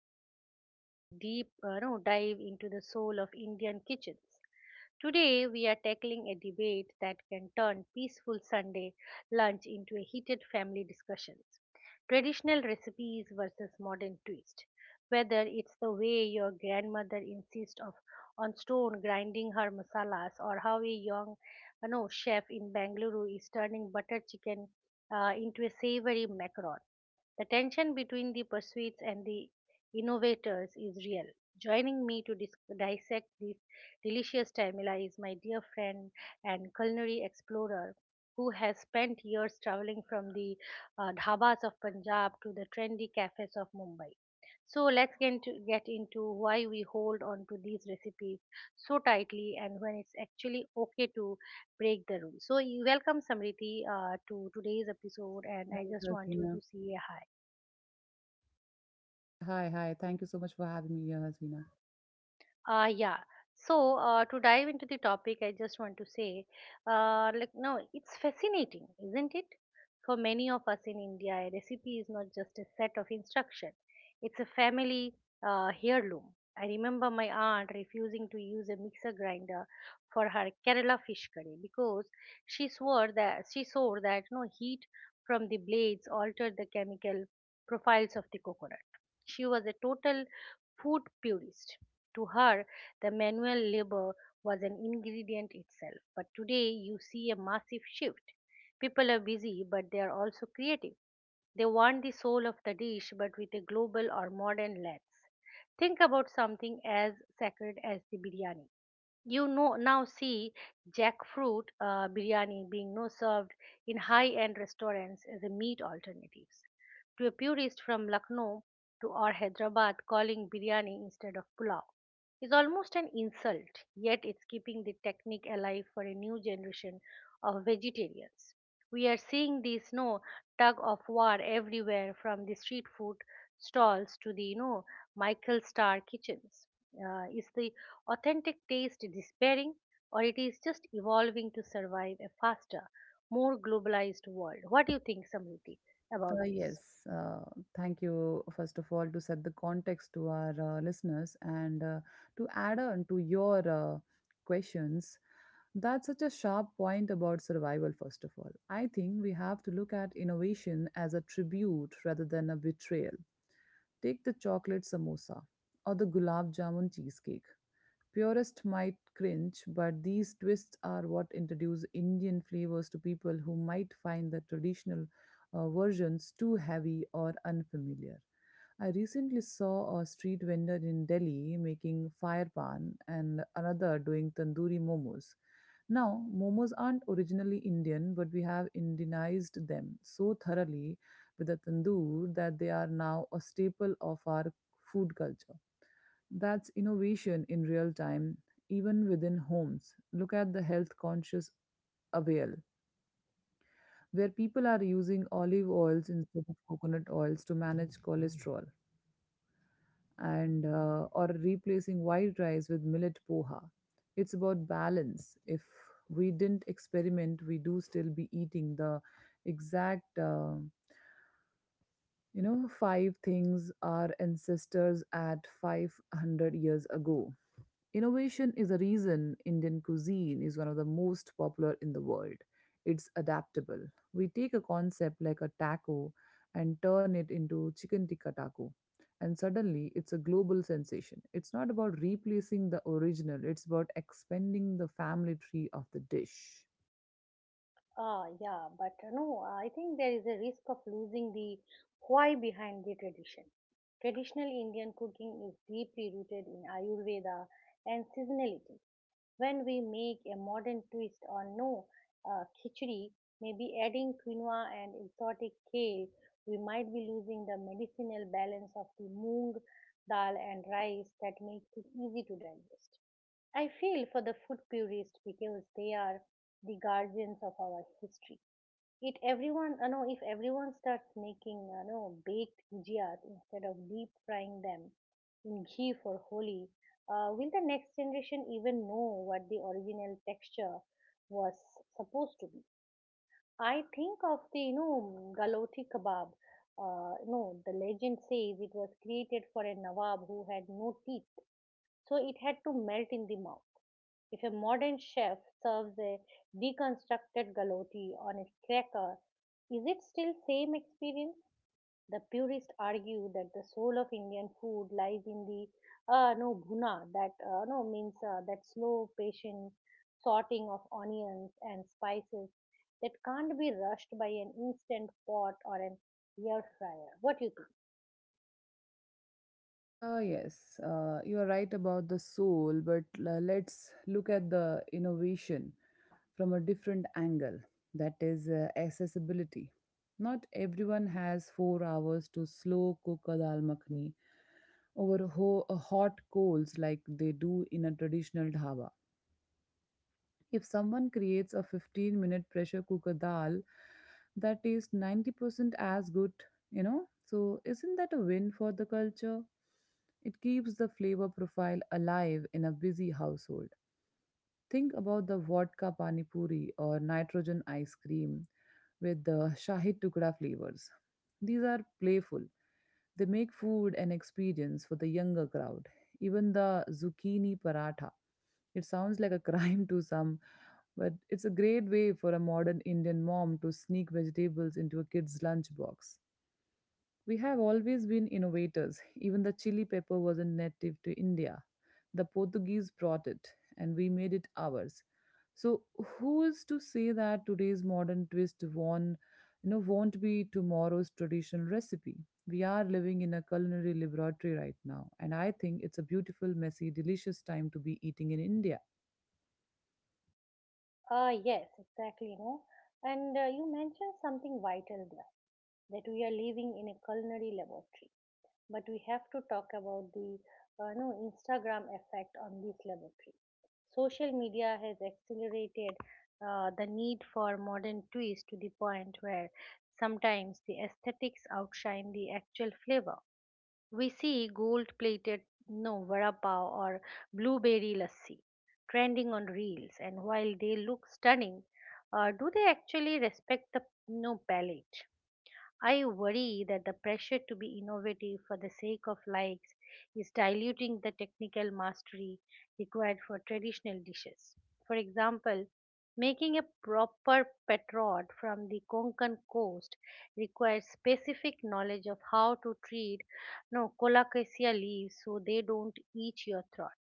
Route, where we deep no, dive into the soul of Indian kitchens. Today, we are tackling a debate that can turn peaceful Sunday lunch into a heated family discussion: traditional recipes versus modern twist. Whether it's the way your grandmother insists of on stone grinding her masalas or how a young chef in Bangalore is turning butter chicken into a savory macaron. The tension between the pursuits and the innovators is real. Joining me to dissect this delicious stimuli is my dear friend and culinary explorer who has spent years traveling from the dhabas of Punjab to the trendy cafes of Mumbai. So let's get into why we hold on to these recipes so tightly and when it's actually okay to break the rules. So, you welcome Samriti to today's episode, and I Thank just you, want you to Hasina. say hi. Yeah, hi. Thank you so much for having me here, Hasina. Yeah. So to dive into the topic, I just want to say, like no, it's fascinating, isn't it? For many of us in India, a recipe is not just a set of instruction; it's a family heirloom. I remember my aunt refusing to use a mixer grinder for her Kerala fish curry because she swore that no heat from the blades altered the chemical profiles of the coconut. She was a total food purist. To her, the manual labor was an ingredient itself. But today, you see a massive shift. People are busy, but they are also creative. They want the soul of the dish, but with a global or modern lens. Think about something as sacred as the biryani. Now see jackfruit biryani being no served in high-end restaurants as a meat alternatives. To a purist from Lucknow to or Hyderabad, calling biryani instead of pulao is almost an insult. Yet it's keeping the technique alive for a new generation of vegetarians. We are seeing this no tug of war everywhere, from the street food stalls to the Michael Star kitchens. Is the authentic taste is despairing, or it is just evolving to survive a faster, more globalized world. What do you think, Samriti, about Uh, this? yes, uh, thank you, first of all, to set the context to our listeners and to add on to your questions. That's such a sharp point about survival, first of all. I think we have to look at innovation as a tribute rather than a betrayal. Take the chocolate samosa or the gulab jamun cheesecake. Purists might cringe, but these twists are what introduce Indian flavors to people who might find the traditional versions too heavy or unfamiliar. I recently saw a street vendor in Delhi making fire pan and another doing tandoori momos. Now, momos aren't originally Indian, but we have Indianized them so thoroughly with a tandoor that they are now a staple of our food culture. That's innovation in real time, even within homes. Look at the health conscious avail, where people are using olive oils instead of coconut oils to manage cholesterol and or replacing white rice with millet poha. It's about balance. If we didn't experiment, we do still be eating the exact five things our ancestors at 500 years ago. Innovation is the reason Indian cuisine is one of the most popular in the world. It's adaptable. We take a concept like a taco and turn it into chicken tikka taco. And suddenly it's a global sensation. It's not about replacing the original, it's about expanding the family tree of the dish. Ah, yeah, but no, I think there is a risk of losing the why behind the tradition. Traditional Indian cooking is deeply rooted in Ayurveda and seasonality. When we make a modern twist on no khichdi, maybe adding quinoa and exotic kale, we might be losing the medicinal balance of the moong dal and rice that makes it easy to digest. I feel for the food purists because they are the guardians of our history. It everyone no If everyone starts making no baked gujias instead of deep frying them in ghee for Holi. Will the next generation even know what the original texture was supposed to be? I think of the galoti kebab no The legend says it was created for a nawab who had no teeth, so it had to melt in the mouth. If a modern chef serves a deconstructed galotti on a cracker, is it still same experience? The purists argue that the soul of Indian food lies in the no bhuna, that no means that slow, patient sorting of onions and spices that can't be rushed by an instant pot or an air fryer. What do you think? Yes, you are right about the soul, but let's look at the innovation from a different angle, that is, accessibility. Not everyone has 4 hours to slow cook a dal makhni over hot coals like they do in a traditional dhaba. If someone creates a 15-minute pressure cooker dal that tastes 90% as good, you know, so isn't that a win for the culture? It keeps the flavor profile alive in a busy household. Think about the vodka pani puri or nitrogen ice cream with the shahi tukda flavors. These are playful. They make food an experience for the younger crowd. Even the zucchini paratha. It sounds like a crime to some, but it's a great way for a modern Indian mom to sneak vegetables into a kid's lunchbox. We have always been innovators. Even the chili pepper wasn't native to India. The Portuguese brought it, and we made it ours. So who is to say that today's modern twist won't, you know, won't be tomorrow's traditional recipe? We are living in a culinary laboratory right now, and I think it's a beautiful, messy, delicious time to be eating in India. Ah, yes, exactly. And you mentioned something vital there that we are living in a culinary laboratory. But we have to talk about the no Instagram effect on the celebrity. Social media has accelerated the need for modern twist to the point where sometimes the aesthetics outshine the actual flavor. We see gold-plated no vada pav or blueberry lassi trending on reels, and while they look stunning, do they actually respect the no palate? I worry that the pressure to be innovative for the sake of likes is diluting the technical mastery required for traditional dishes. For example, making a proper petrod from the Konkan coast requires specific knowledge of how to treat no colocasia leaves so they don't eat your throat.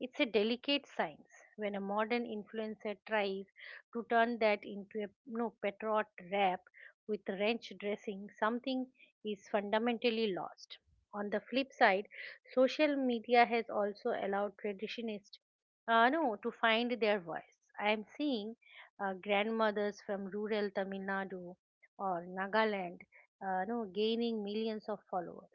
It's a delicate science. When a modern influencer tries to turn that into a no patriot rap with ranch dressing, something is fundamentally lost. On the flip side, social media has also allowed traditionists no to find their voice. I am seeing grandmothers from rural Tamil Nadu or Nagaland no gaining millions of followers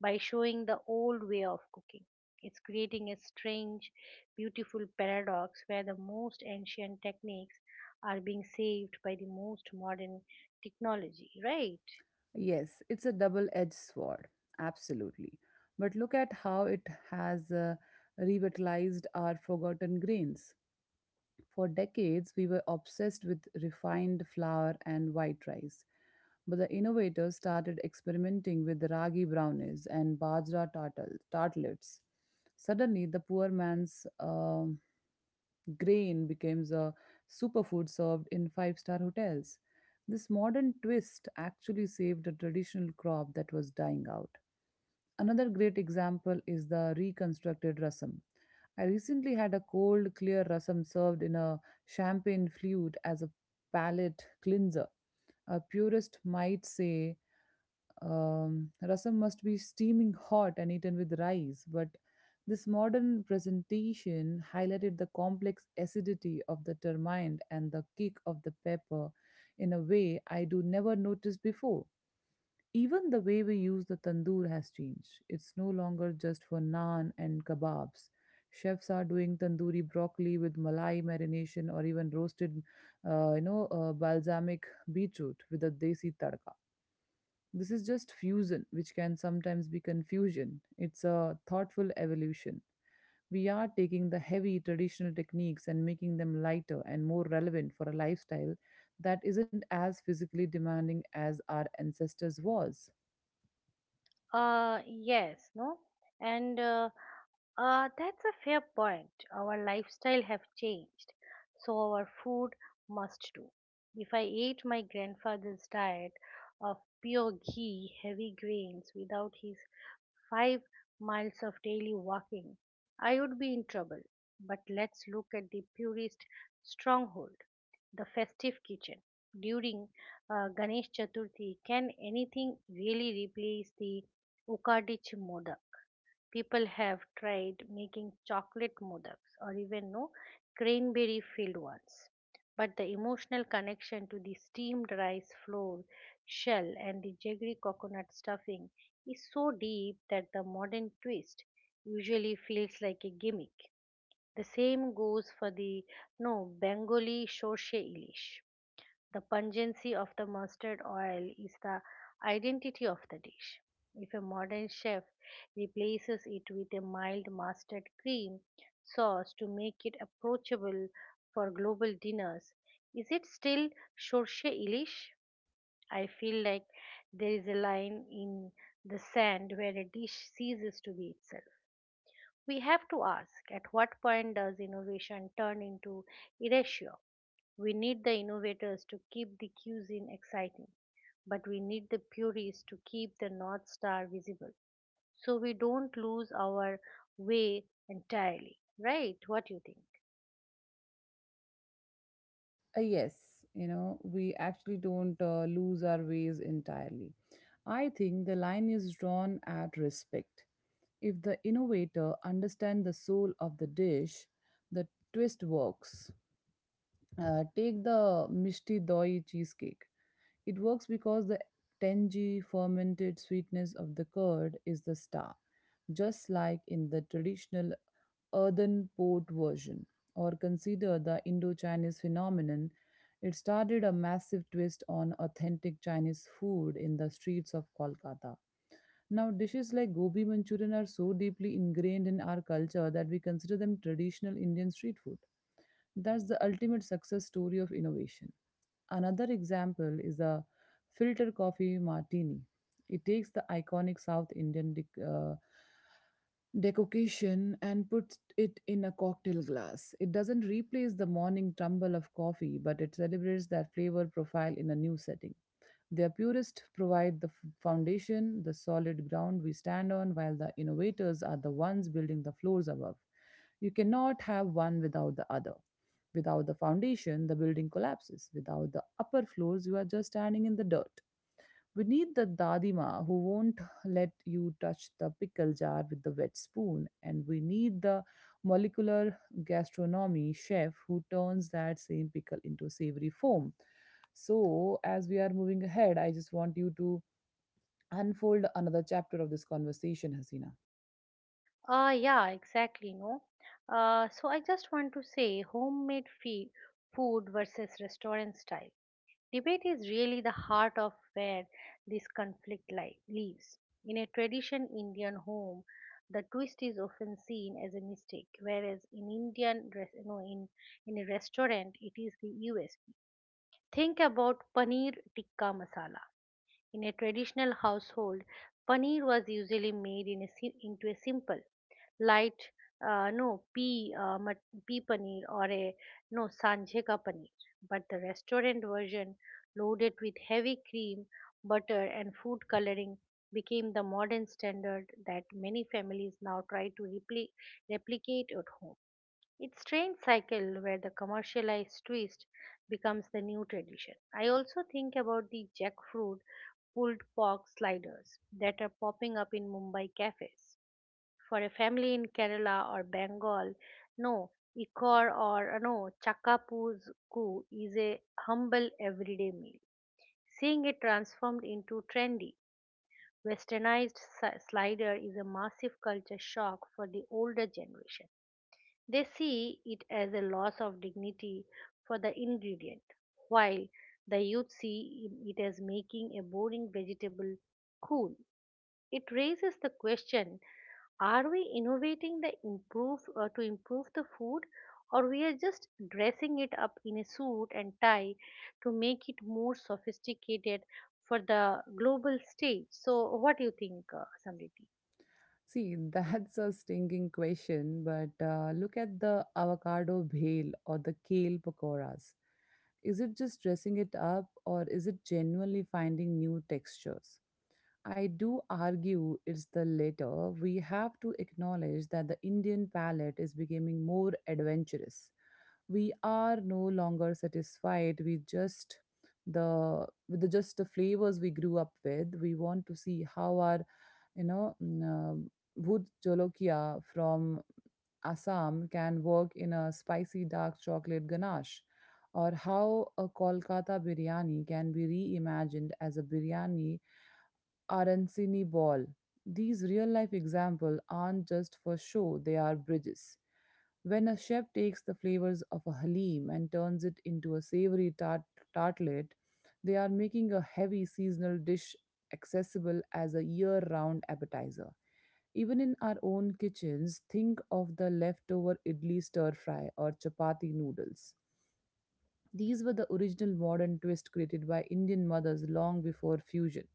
by showing the old way of cooking. It's creating a strange, beautiful paradox where the most ancient techniques are being saved by the most modern technology, right? Yes, it's a double-edged sword, absolutely. But look at how it has revitalized our forgotten grains. For decades, we were obsessed with refined flour and white rice. But the innovators started experimenting with ragi brownies and bajra tartlets. Suddenly, the poor man's grain becomes a superfood served in five-star hotels. This modern twist actually saved a traditional crop that was dying out. Another great example is the reconstructed rasam. I recently had a cold, clear rasam served in a champagne flute as a palate cleanser. A purist might say rasam must be steaming hot and eaten with rice, but this modern presentation highlighted the complex acidity of the tamarind and the kick of the pepper in a way I do never notice before. Even the way we use the tandoor has changed. It's no longer just for naan and kebabs. Chefs are doing tandoori broccoli with malai marination or even roasted, balsamic beetroot with a desi tadka. This is just fusion, which can sometimes be confusion. It's a thoughtful evolution. We are taking the heavy traditional techniques and making them lighter and more relevant for a lifestyle that isn't as physically demanding as our ancestors was. Yes, no? And that's a fair point. Our lifestyle have changed, so our food must too. If I ate my grandfather's diet of pure ghee, heavy grains without his 5 miles of daily walking, I would be in trouble. But let's look at the purest stronghold, the festive kitchen. During Ganesh Chaturthi, can anything really replace the Ukadich Modak? People have tried making chocolate modaks or even no cranberry filled ones. But the emotional connection to the steamed rice flour, shell, and the jaggery coconut stuffing is so deep that the modern twist usually feels like a gimmick. The same goes for the no Bengali sorshe ilish. The pungency of the mustard oil is the identity of the dish. If a modern chef replaces it with a mild mustard cream sauce to make it approachable for global dinners, is it still Sorshe Ilish? I feel like there is a line in the sand where a dish ceases to be itself. We have to ask, at what point does innovation turn into erasure? We need the innovators to keep the cuisine exciting, but we need the purists to keep the North Star visible so we don't lose our way entirely. Right? What do you think? Uh, yes, we actually don't lose our ways entirely. I think the line is drawn at respect. If the innovator understands the soul of the dish, the twist works. Take the Mishti Doi cheesecake. It works because the tangy, fermented sweetness of the curd is the star, just like in the traditional earthen pot version. Or consider the Indo Chinese phenomenon. It started a massive twist on authentic Chinese food in the streets of Kolkata. Now, dishes like gobi manchurian are so deeply ingrained in our culture that we consider them traditional Indian street food. That's the ultimate success story of innovation. Another example is a filter coffee martini. It takes the iconic South Indian decoction and puts it in a cocktail glass. It doesn't replace the morning tumble of coffee, but it celebrates that flavor profile in a new setting. The purists provide the foundation, the solid ground we stand on, while the innovators are the ones building the floors above. You cannot have one without the other. Without the foundation, the building collapses. Without the upper floors, you are just standing in the dirt. We need the dadima who won't let you touch the pickle jar with the wet spoon, and we need the molecular gastronomy chef who turns that same pickle into savory foam. So, as we are moving ahead, I just want you to unfold another chapter of this conversation, Hasina. Yeah, exactly. No. So I just want to say, homemade food versus restaurant style. Debate is really the heart of where this conflict lives. In a tradition Indian home, the twist is often seen as a mistake, whereas in Indian, res- you know, in a restaurant, it is the USP. Think about paneer tikka masala. In a traditional household, paneer was usually made into a simple, light no pea paneer or a no sanje ka paneer. But the restaurant version, loaded with heavy cream, butter, and food coloring, became the modern standard that many families now try to replicate at home. It's strange cycle where the commercialized twist becomes the new tradition. I also think about the jackfruit pulled pork sliders that are popping up in Mumbai cafes. For a family in Kerala or Bengal, no ikor or no chakapuzku is a humble everyday meal. Seeing it transformed into trendy, westernized slider is a massive culture shock for the older generation. They see it as a loss of dignity for the ingredient, while the youth see it as making a boring vegetable cool. It raises the question, are we innovating the improve to improve the food, or we are just dressing it up in a suit and tie to make it more sophisticated for the global stage? So what do you think, Samriti? See, that's a stinging question, but look at the avocado bhel or the kale pakoras. Is it just dressing it up or is it genuinely finding new textures? I do argue it's the latter. We have to acknowledge that the Indian palate is becoming more adventurous. We are no longer satisfied with just the flavors we grew up with. We want to see how our you know mm, um, bhut jolokia from assam can work in a spicy dark chocolate ganache, or how a kolkata biryani can be reimagined as a biryani Arancini Ball. These real life examples aren't just for show, they are bridges. When a chef takes the flavors of a halim and turns it into a savory tartlet, they are making a heavy seasonal dish accessible as a year round appetizer. Even in our own kitchens, think of the leftover idli stir fry or chapati noodles. These were the original modern twist created by Indian mothers long before fusion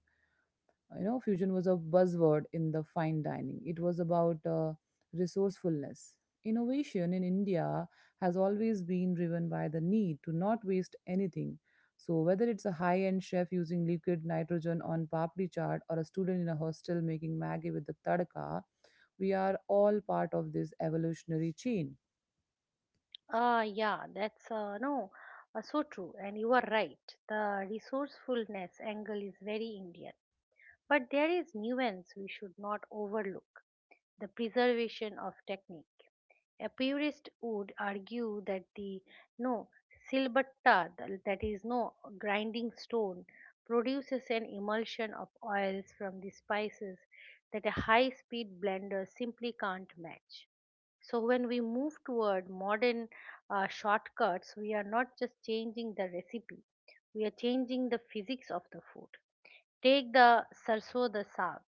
you know fusion was a buzzword in the fine dining. It was about resourcefulness. Innovation in india has always been driven by the need to not waste anything. So whether it's a high end chef using liquid nitrogen on papdi chaat or a student in a hostel making maggi with the tadka, we are all part of this evolutionary chain. Ah, yeah, that's no, so true, and you are right. The resourcefulness angle is very Indian, but there is nuance we should not overlook. The preservation of technique. A purist would argue that the no silbatta, that is no grinding stone, produces an emulsion of oils from the spices that a high-speed blender simply can't match. So when we move toward modern shortcuts, we are not just changing the recipe, we are changing the physics of the food. Take the sarso, the saag.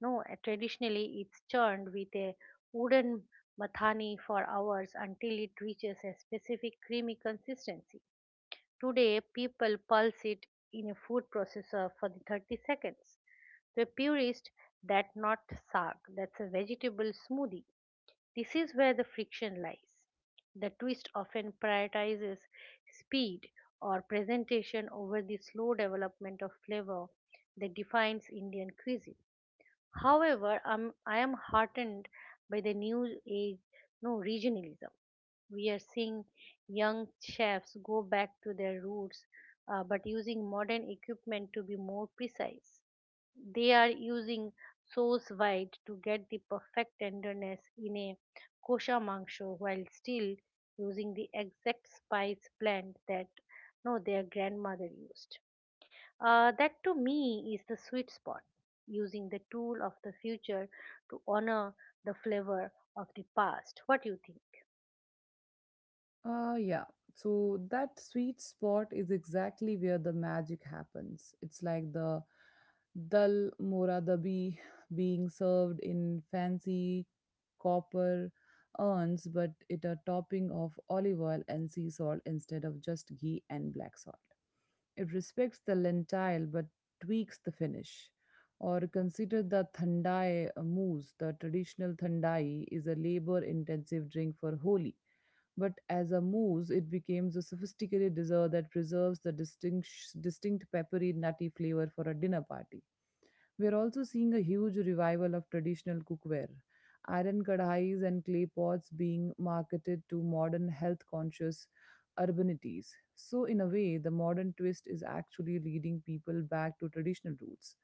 No, Traditionally, it's churned with a wooden mathani for hours until it reaches a specific creamy consistency. Today, people pulse it in a food processor for the 30 seconds. To a purist, that's not saag, that's a vegetable smoothie. This is where the friction lies. The twist often prioritizes speed or presentation over the slow development of flavor that defines Indian cuisine. However, I am heartened by the new age no regionalism. We are seeing young chefs go back to their roots but using modern equipment to be more precise. They are using sauce white to get the perfect tenderness in a kosher mangsho while still using the exact spice blend that no their grandmother used. That to me is the sweet spot, using the tool of the future to honor the flavor of the past. What do you think? Yeah. So that sweet spot is exactly where the magic happens. It's like the dal moradabi being served in fancy copper urns, but it a topping of olive oil and sea salt instead of just ghee and black salt. It respects the lentile but tweaks the finish. Or consider the thandai mousse. The traditional thandai is a labor-intensive drink for Holi, but as a mousse, it becomes a sophisticated dessert that preserves the distinct peppery, nutty flavor for a dinner party. We are also seeing a huge revival of traditional cookware, iron kadhais and clay pots being marketed to modern health conscious urbanities. So, in a way, the modern twist is actually leading people back to traditional roots.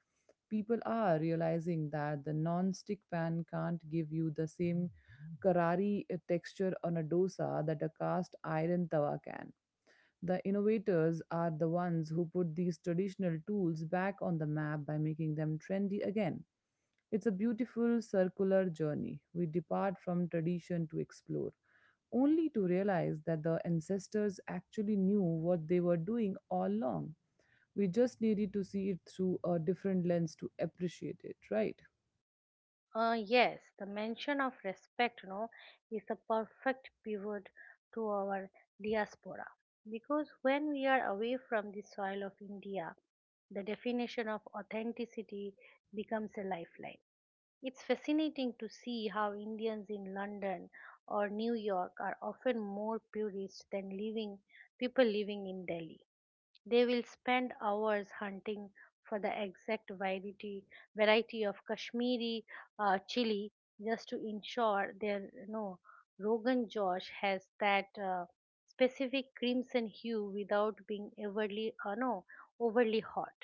People are realizing that the non-stick pan can't give you the same karari texture on a dosa that a cast iron tawa can. The innovators are the ones who put these traditional tools back on the map by making them trendy again. It's a beautiful circular journey. We depart from tradition to explore, only to realize that the ancestors actually knew what they were doing all along. We just needed to see it through a different lens to appreciate it, right? Yes, the mention of respect, is a perfect pivot to our diaspora, because when we are away from the soil of India, the definition of authenticity becomes a lifeline. It's fascinating to see how Indians in London or New York are often more purist than living people living in Delhi. They will spend hours hunting for the exact variety of Kashmiri chili just to ensure their no Rogan Josh has that specific crimson hue without being overly no overly hot.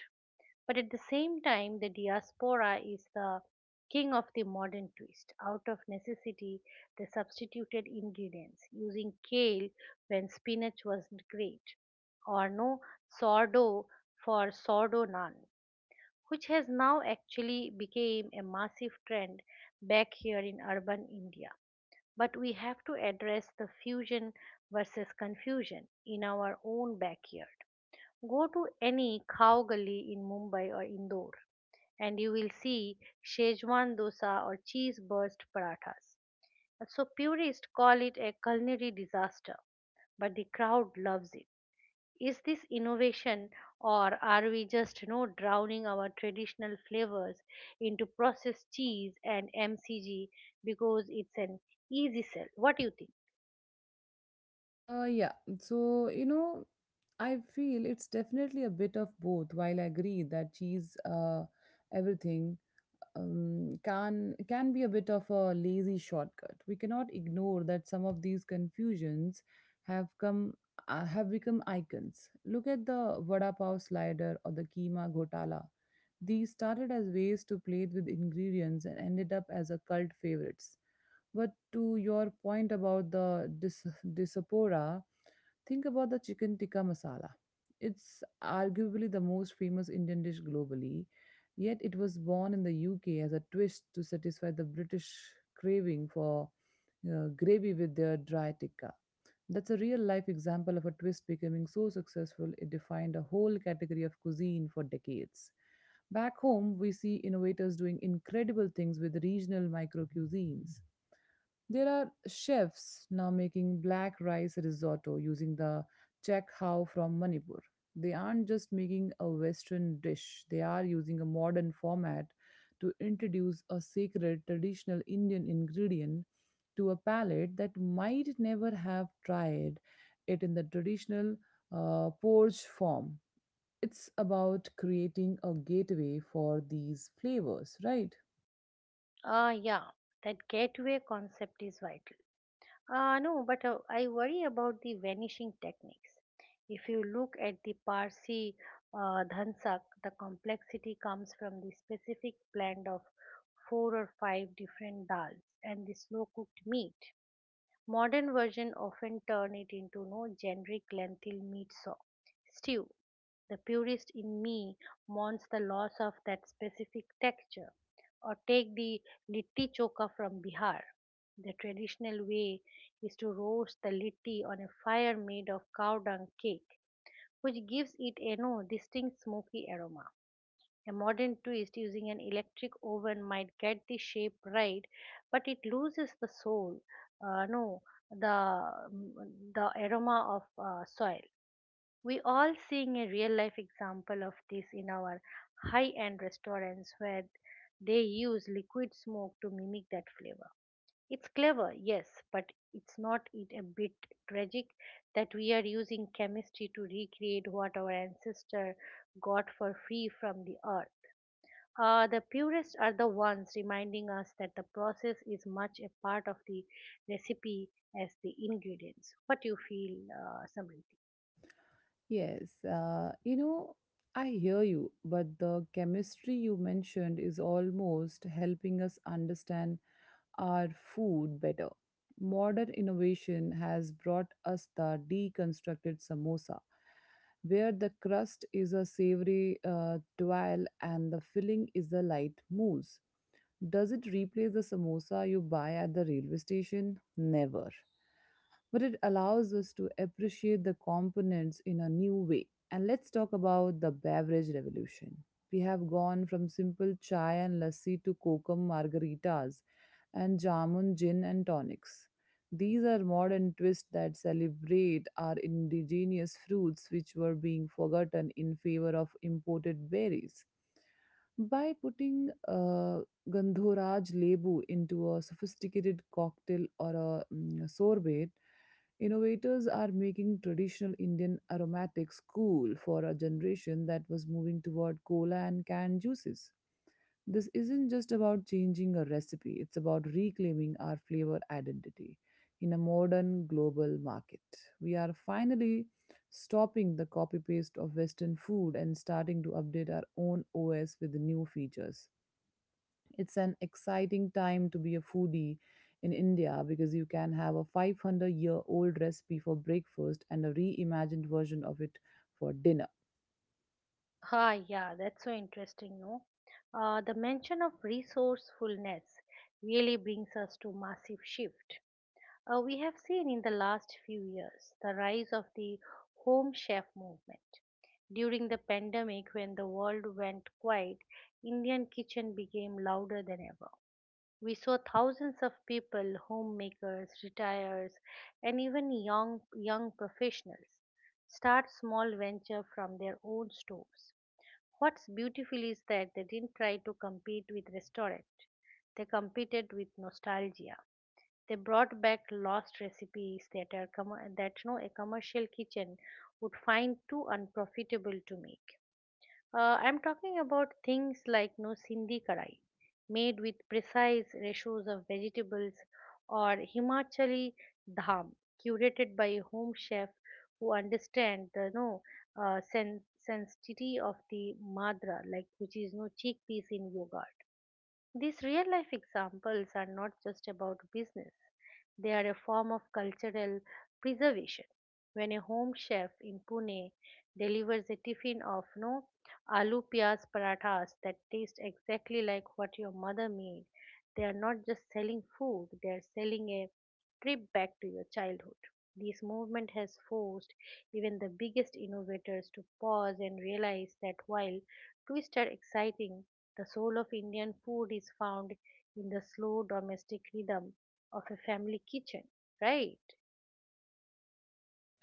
But at the same time, the diaspora is the king of the modern twist. Out of necessity, they substituted ingredients, using kale when spinach wasn't great, or no sourdough for sourdough naan, which has now actually became a massive trend back here in urban India. But we have to address the fusion versus confusion in our own backyard. Go to any cow gully in Mumbai or Indore and you will see Shezwan dosa or cheese burst parathas. So purists call it a culinary disaster, but the crowd loves it. Is this innovation, or are we just, drowning our traditional flavors into processed cheese and MCG because it's an easy sell? What do you think? Uh, yeah, so you know, I feel it's definitely a bit of both. While I agree that cheese, everything can be a bit of a lazy shortcut. We cannot ignore that some of these confusions have come have become icons. Look at the vada pav slider or the keema ghotala. These started as ways to plate with ingredients and ended up as a cult favorites. But to your point about the disapora, think about the chicken tikka masala. It's arguably the most famous Indian dish globally, yet it was born in the UK as a twist to satisfy the British craving for gravy with their dry tikka. That's a real life example of a twist becoming so successful it defined a whole category of cuisine for decades. Back home, we see innovators doing incredible things with regional micro cuisines. There are chefs now making black rice risotto using the chak how from Manipur. They aren't just making a Western dish, they are using a modern format to introduce a sacred traditional Indian ingredient to a palate that might never have tried it in the traditional porridge form. It's about creating a gateway for these flavors, right? Yeah, that gateway concept is vital. No, but I worry about the vanishing techniques. If you look at the Parsi dhansak, the complexity comes from the specific blend of four or five different dals and the slow cooked meat. Modern versions often turn it into no generic lentil meat saw stew. The purist in me mourns the loss of that specific texture. Or take the litti choka from Bihar. The traditional way is to roast the litti on a fire made of cow dung cake, which gives it a no distinct smoky aroma. A modern twist using an electric oven might get the shape right, but it loses the soul. No, the mm, The aroma of soil. We all seeing a real life example of this in our high end restaurants where they use liquid smoke to mimic that flavor. It's clever, yes, but it's not it a bit tragic that we are using chemistry to recreate what our ancestor got for free from the earth. The purists are the ones reminding us that the process is much a part of the recipe as the ingredients. What do you feel, Samriti? Yes, I hear you, but the chemistry you mentioned is almost helping us understand our food better. Modern innovation has brought us the deconstructed samosa, where the crust is a savory twirl and the filling is a light mousse. Does it replace the samosa you buy at the railway station? Never, but it allows us to appreciate the components in a new way. And let's talk about the beverage revolution. We have gone from simple chai and lassi to kokum margaritas and jamun gin and tonics. These are modern twists that celebrate our indigenous fruits, which were being forgotten in favor of imported berries. By putting Gandhoraj Lebu into a sophisticated cocktail or a sorbet, innovators are making traditional Indian aromatics cool for a generation that was moving toward cola and canned juices. This isn't just about changing a recipe, it's about reclaiming our flavor identity in a modern global market. We are finally stopping the copy paste of Western food and starting to update our own OS with new features. It's an exciting time to be a foodie in India because you can have a 500-year-old recipe for breakfast and a reimagined version of it for dinner. Yeah, that's so interesting, no? The mention of resourcefulness really brings us to massive shift. We have seen in the last few years the rise of the home chef movement. During the pandemic, when the world went quiet, Indian kitchen became louder than ever. We saw thousands of people, homemakers, retirees, and even young professionals start small venture from their own stores. What's beautiful is that they didn't try to compete with restaurant. They competed with nostalgia. They brought back lost recipes that are commer that no a commercial kitchen would find too unprofitable to make. I'm talking about things like no sindhi karai, made with precise ratios of vegetables, or Himachali dham, curated by a home chef who understand the no sen- sensitivity of the madra, like which is no chickpeas in yogurt. These real life examples are not just about business; they are a form of cultural preservation. When a home chef in Pune delivers a tiffin of no aloo piyaz parathas that taste exactly like what your mother made, they are not just selling food, they are selling a trip back to your childhood. This movement has forced even the biggest innovators to pause and realize that while twists are exciting, the soul of Indian food is found in the slow domestic rhythm of a family kitchen, right?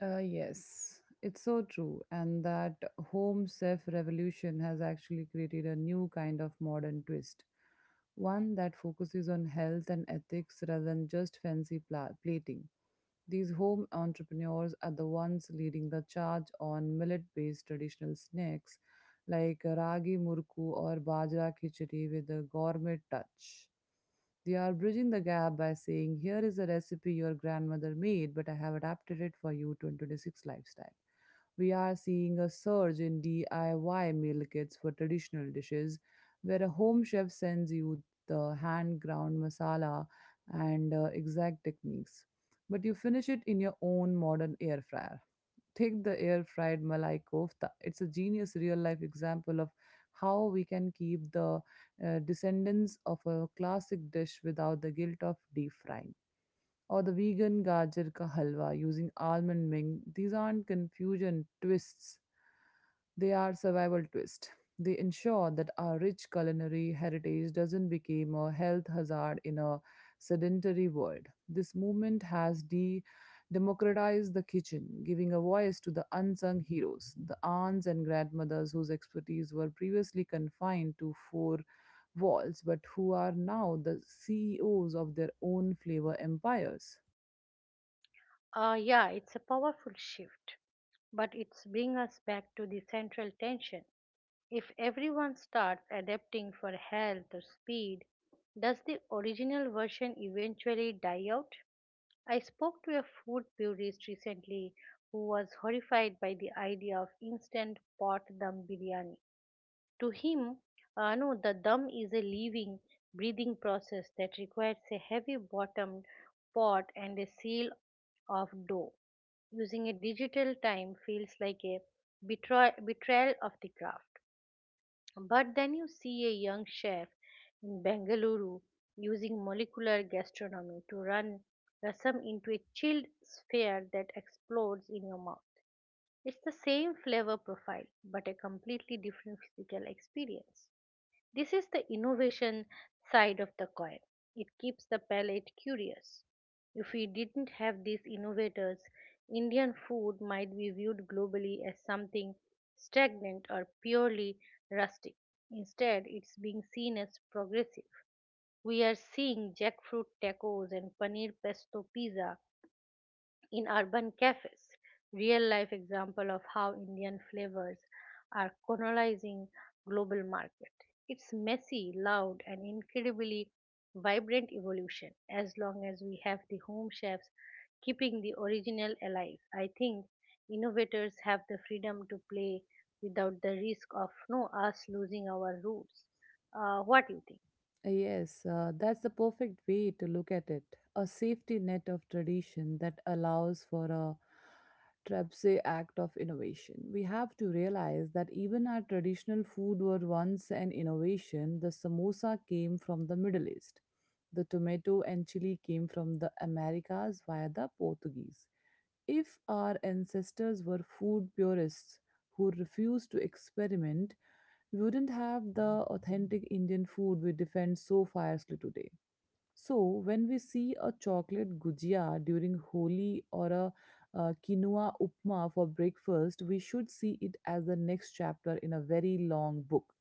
Yes, it's so true. And that home chef revolution has actually created a new kind of modern twist, one that focuses on health and ethics rather than just fancy plating. These home entrepreneurs are the ones leading the charge on millet based traditional snacks like ragi murku or bajra khichdi with a gourmet touch. They are bridging the gap by saying, "Here is a recipe your grandmother made, but I have adapted it for you 2026 lifestyle." We are seeing a surge in DIY meal kits for traditional dishes, where a home chef sends you the hand ground masala and exact techniques, but you finish it in your own modern air fryer. Take the air fried Malai kofta. It's a genius real life example of how we can keep the descendants of a classic dish without the guilt of deep frying. Or the vegan gajar ka halwa using almond ming. These aren't confusion twists. They are survival twist. They ensure that our rich culinary heritage doesn't become a health hazard in a sedentary world. This movement has democratized the kitchen, giving a voice to the unsung heroes, the aunts and grandmothers whose expertise were previously confined to four walls, but who are now the CEOs of their own flavor empires. Yeah, it's a powerful shift, but it's bring us back to the central tension. If everyone starts adapting for health or speed, does the original version eventually die out? I spoke to a food purist recently who was horrified by the idea of instant pot dum biryani. To him, no, the dum is a living, breathing process that requires a heavy bottomed pot and a seal of dough. Using a digital time feels like a betrayal of the craft. But then you see a young chef in Bengaluru using molecular gastronomy to run rasam into a chilled sphere that explodes in your mouth. It's the same flavor profile, but a completely different physical experience. This is the innovation side of the coin. It keeps the palate curious. If we didn't have these innovators, Indian food might be viewed globally as something stagnant or purely rustic. Instead, it's being seen as progressive. We are seeing jackfruit tacos and paneer pesto pizza in urban cafes, real life example of how Indian flavors are colonizing global market. It's messy, loud and incredibly vibrant evolution. As long as we have the home chefs keeping the original alive, I think innovators have the freedom to play without the risk of no us losing our roots. What do you think? Yes, that's the perfect way to look at it. A safety net of tradition that allows for a trapeze act of innovation. We have to realize that even our traditional food were once an innovation. The samosa came from the Middle East. The tomato and chili came from the Americas via the Portuguese. If our ancestors were food purists who refused to experiment, we wouldn't have the authentic Indian food we defend so fiercely today. So, when we see a chocolate gujia during Holi or a, quinoa upma for breakfast, we should see it as the next chapter in a very long book.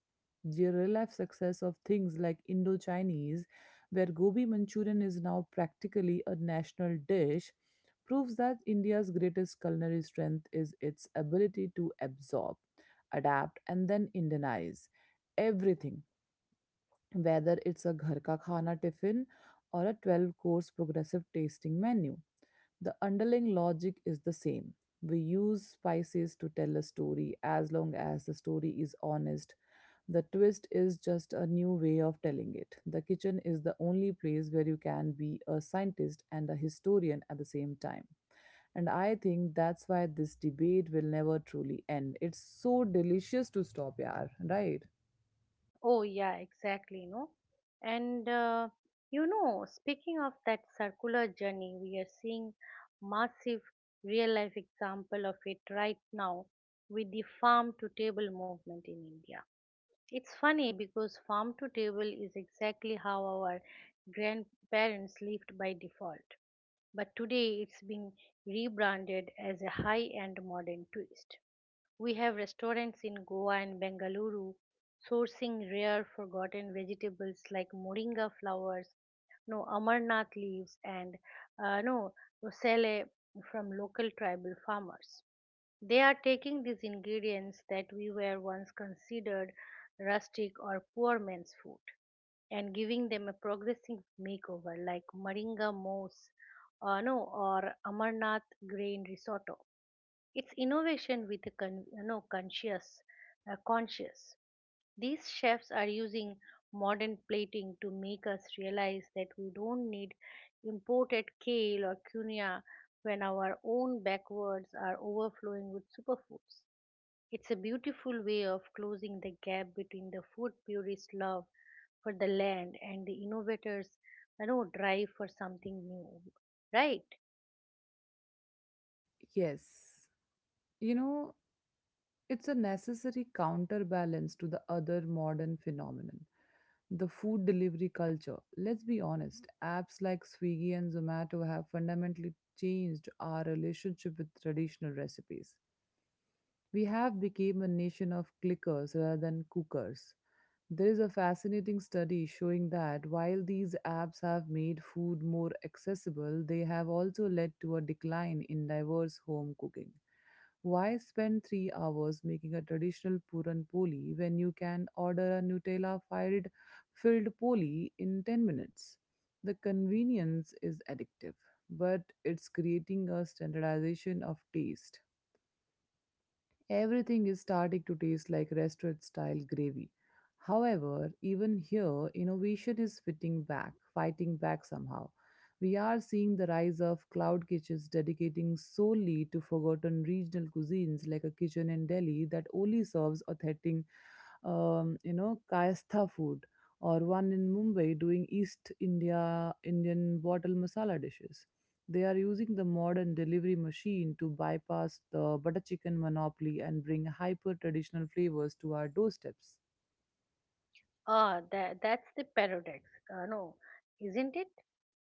The real life success of things like Indo Chinese, where gobi Manchurian is now practically a national dish, proves that India's greatest culinary strength is its ability to absorb, adapt, and then Indianize everything, whether it's a ghar ka khana tiffin or a 12 course progressive tasting menu. The underlying logic is the same. We use spices to tell a story as long as the story is honest. The twist is just a new way of telling it. The kitchen is the only place where you can be a scientist and a historian at the same time. And I think that's why this debate will never truly end. It's so delicious to stop, yaar, right? Oh, yeah, exactly, no? And speaking of that circular journey, we are seeing massive real life example of it right now with the farm to table movement in India. It's funny because farm to table is exactly how our grandparents lived by default, but today it's being rebranded as a high end modern twist. We have restaurants in Goa and Bengaluru sourcing rare forgotten vegetables like moringa flowers, no amarnath leaves, and no roselle from local tribal farmers. They are taking these ingredients that we were once considered rustic or poor man's food and giving them a progressive makeover like moringa moss, no, or amarnath grain risotto. It's innovation with a conscious, conscious. These chefs are using modern plating to make us realize that we don't need imported kale or quinoa when our own backwoods are overflowing with superfoods. It's a beautiful way of closing the gap between the food purists' love for the land and the innovators' drive for something new, right? Yes. You know, it's a necessary counterbalance to the other modern phenomenon, the food delivery culture. Let's be honest, apps like Swiggy and Zomato have fundamentally changed our relationship with traditional recipes. We have become a nation of clickers rather than cookers. There is a fascinating study showing that while these apps have made food more accessible, they have also led to a decline in diverse home cooking. Why spend 3 hours making a traditional puran poli when you can order a Nutella filled poli in 10 minutes? The convenience is addictive, but it's creating a standardization of taste. Everything is starting to taste like restaurant style gravy. However, even here, innovation is fitting back, fighting back somehow. We are seeing the rise of cloud kitchens dedicating solely to forgotten regional cuisines, like a kitchen in Delhi that only serves authentic, Kayastha food, or one in Mumbai doing East India Indian bottle masala dishes. They are using the modern delivery machine to bypass the butter chicken monopoly and bring hyper traditional flavors to our doorsteps. Ah, that 's the paradox. Uh, no, isn't it?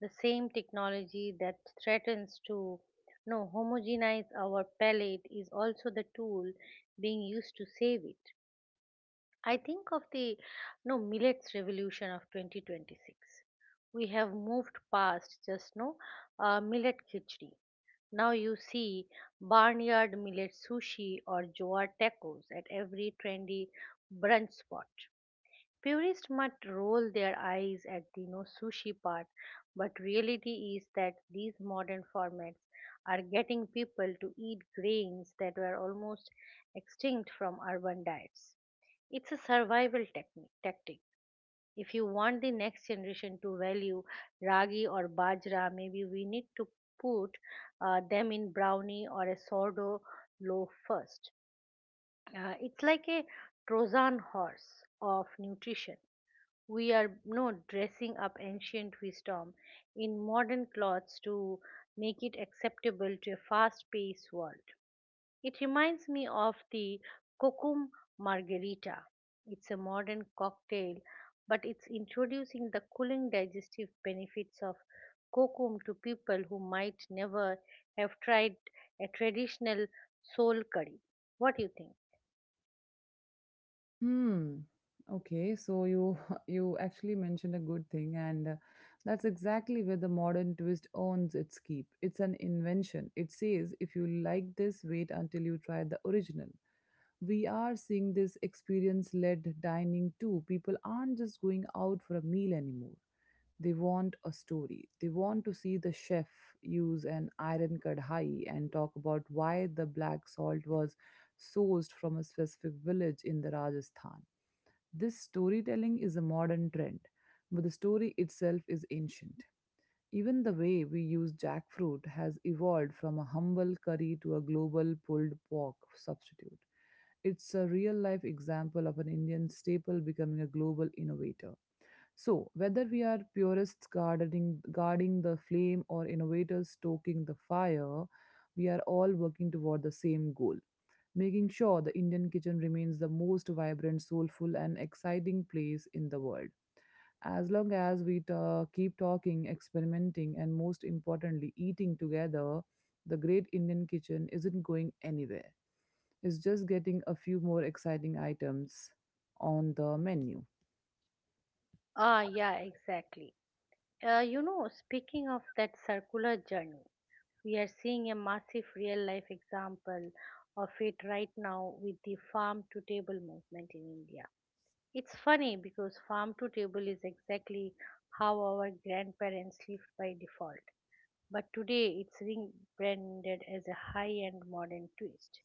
The same technology that threatens to no homogenize our palate is also the tool being used to save it. I think of the no millets revolution of 2026. We have moved past just no millet khichdi. Now you see barnyard millet sushi or jowar tacos at every trendy brunch spot. Purists might roll their eyes at the no sushi part, but reality is that these modern formats are getting people to eat grains that were almost extinct from urban diets. It's a survival tactic. If you want the next generation to value ragi or bajra, maybe we need to put them in brownie or a sourdough loaf first. It's like a Trojan horse of nutrition. We are no dressing up ancient wisdom in modern clothes to make it acceptable to a fast-paced world. It reminds me of the Kokum Margarita. It's a modern cocktail, but it's introducing the cooling digestive benefits of kokum to people who might never have tried a traditional soul curry. What do you think? Hmm. Okay, so you you actually mentioned a good thing, and that's exactly where the modern twist earns its keep. It's an invention. It says if you like this, wait until you try the original. We are seeing this experience-led dining too. People aren't just going out for a meal anymore. They want a story. They want to see the chef use an iron kadhai and talk about why the black salt was sourced from a specific village in the Rajasthan. This storytelling is a modern trend, but the story itself is ancient. Even the way we use jackfruit has evolved from a humble curry to a global pulled pork substitute. It's a real life example of an Indian staple becoming a global innovator. So, whether we are guarding the flame or innovators stoking the fire, we are all working toward the same goal, making sure the Indian kitchen remains the most vibrant, soulful, and exciting place in the world. As long as we keep talking, experimenting, and most importantly, eating together, the great Indian kitchen isn't going anywhere. It's just getting a few more exciting items on the menu. Yeah, exactly. You know, speaking of that circular journey, we are seeing a massive real life example of it right now with the farm to table movement in India. It's funny because farm to table is exactly how our grandparents lived by default, but today it's rebranded as a high end modern twist.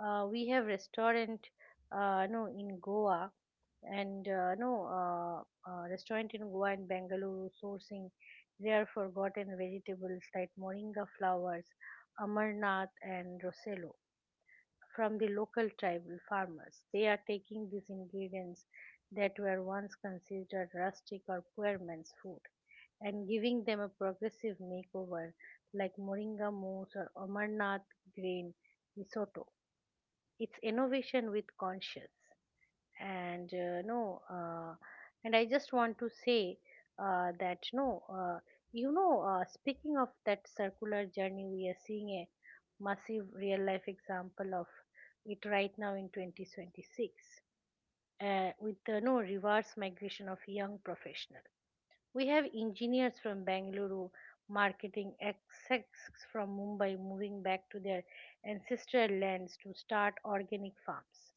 Uh, we have restaurant no in Goa and no Restaurant in Goa and Bengaluru sourcing rare forgotten vegetables like moringa flowers, amarnath and rosello from the local tribal farmers. They are taking these ingredients that were once considered rustic or poor man's food and giving them a progressive makeover like moringa mousse or amarnath grain risotto. It's innovation with conscious. And no And I just want to say that no speaking of that circular journey, we are seeing a massive real life example of it right now in 2026 with the no reverse migration of young professionals. We have engineers from Bangalore, marketing execs from Mumbai moving back to their ancestral lands to start organic farms.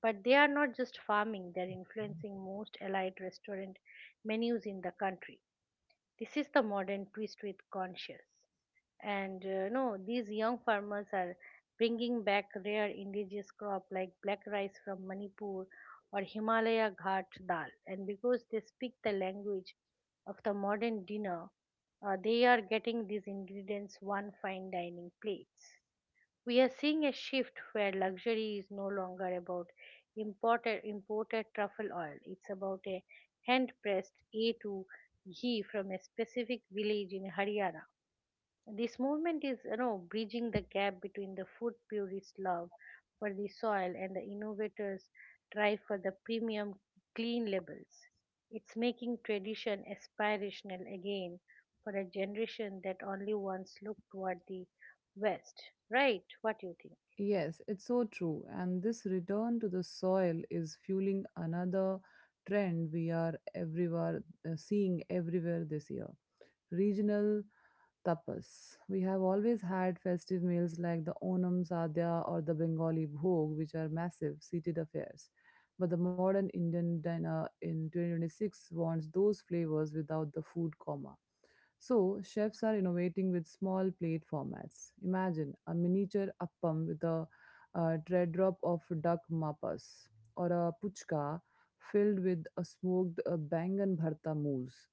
But they are not just farming, they are influencing most allied restaurant menus in the country. This is the modern twist with conscious. And no, These young farmers are bringing back rare indigenous crop like black rice from Manipur or Himalaya Ghat dal. And because they speak the language of the modern dinner, they are getting these ingredients one fine dining plates. We are seeing a shift where luxury is no longer about imported truffle oil. It's about a hand pressed A2 ghee from a specific village in Haryana. This movement is, bridging the gap between the food purist love for the soil and the innovators' drive for the premium clean labels. It's making tradition aspirational again for a generation that only once looked toward the West. Right? What do you think? Yes, it's so true. And this return to the soil is fueling another trend we are everywhere seeing everywhere this year. Regional tapas. We have always had festive meals like the Onam Sadhya or the Bengali Bhog, which are massive seated affairs. But the modern Indian dinner in 2026 wants those flavors without the food coma. So, chefs are innovating with small plate formats. Imagine a miniature appam with a, teardrop of duck mapas or a puchka filled with a smoked bangan bharta mousse.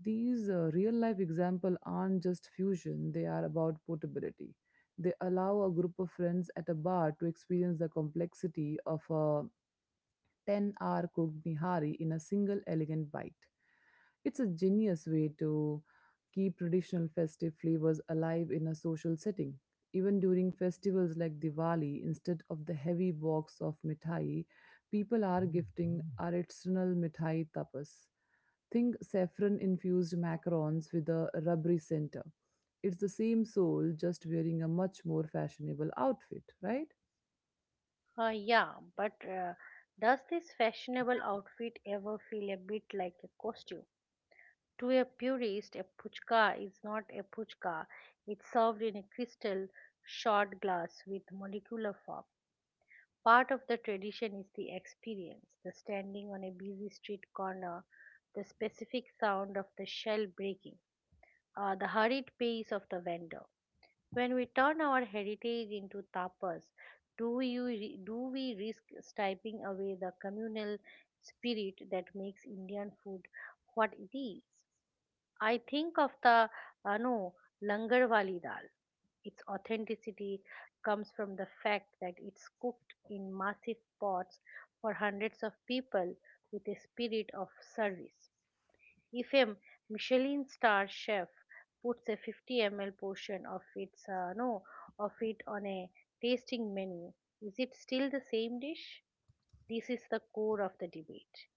These real life examples aren't just fusion, they are about portability. They allow a group of friends at a bar to experience the complexity of a 10-hour cooked nihari in a single elegant bite. It's a genius way to keep traditional festive flavors alive in a social setting. Even during festivals like Diwali, instead of the heavy box of mithai, people are gifting artisanal mithai tapas. Think saffron infused macarons with a rubbery center. It's the same soul, just wearing a much more fashionable outfit, right? Yeah, but does this fashionable outfit ever feel a bit like a costume? To a purist, a puchka is not a puchka. It's served in a crystal shot glass with molecular form. Part of the tradition is the experience, the standing on a busy street corner, the specific sound of the shell breaking, the hurried pace of the vendor. When we turn our heritage into tapas, do you do we risk striping away the communal spirit that makes Indian food what it is? I think of the no Langarwali dal. Its authenticity comes from the fact that it's cooked in massive pots for hundreds of people with a spirit of service. If a Michelin star chef puts a 50 ml portion of its no of it on a tasting menu, is it still the same dish? This is the core of the debate.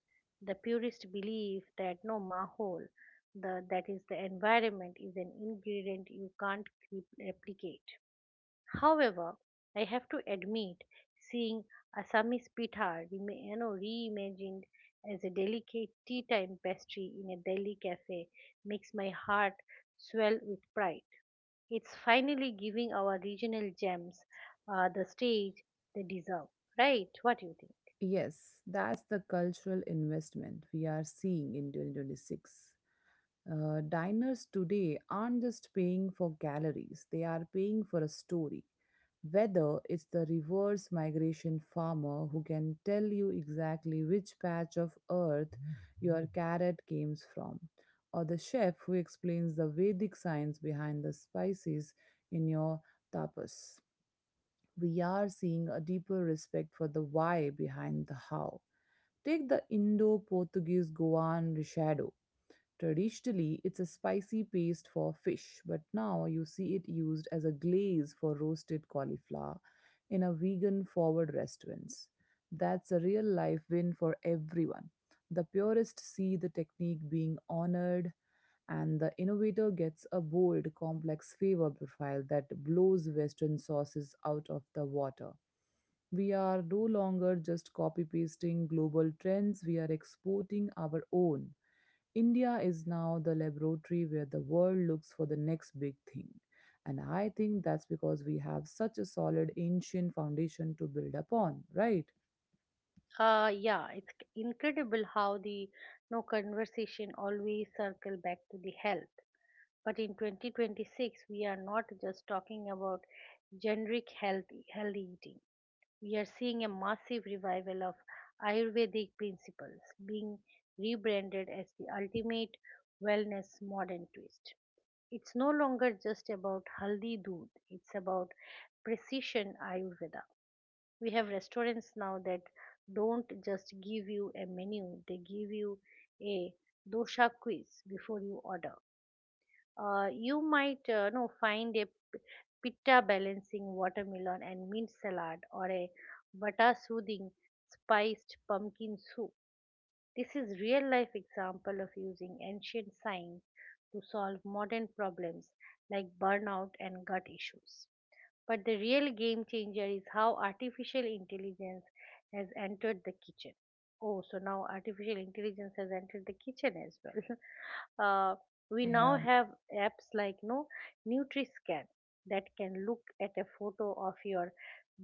The purists believe that no mahol, the, that is the environment, is an ingredient you can't replicate. However, I have to admit, seeing Assamese pitha reimagined as a delicate tea time pastry in a Delhi cafe makes my heart swell with pride. It's finally giving our regional gems the stage they deserve, right? What do you think? Yes, that's the cultural investment we are seeing in 2026. Diners today aren't just paying for calories, they are paying for a story. Whether it's the reverse migration farmer who can tell you exactly which patch of earth your carrot came from, or the chef who explains the Vedic science behind the spices in your tapas, we are seeing a deeper respect for the why behind the how. Take the Indo Portuguese Goan Rishado. Traditionally, it's a spicy paste for fish, but now you see it used as a glaze for roasted cauliflower in a vegan forward restaurants. That's a real life win for everyone. The purists see the technique being honored, and the innovator gets a bold, complex flavor profile that blows Western sauces out of the water. We are no longer just copy pasting global trends, we are exporting our own. India is now the laboratory where the world looks for the next big thing. And I think that's because we have such a solid ancient foundation to build upon, right? It's incredible how the no conversation always circle back to the health. But in 2026, we are not just talking about generic healthy eating. We are seeing a massive revival of Ayurvedic principles being rebranded as the ultimate wellness modern twist. It's no longer just about haldi doodh. It's about precision Ayurveda. We have restaurants now that don't just give you a menu, they give you a dosha quiz before you order. You might know find a pitta balancing watermelon and mint salad or a vata soothing spiced pumpkin soup. This is real life example of using ancient science to solve modern problems like burnout and gut issues, but the real game changer is how artificial intelligence has entered the kitchen. Oh, so now artificial intelligence has entered the kitchen as well. uh, we now have apps like no Nutri-Scan that can look at a photo of your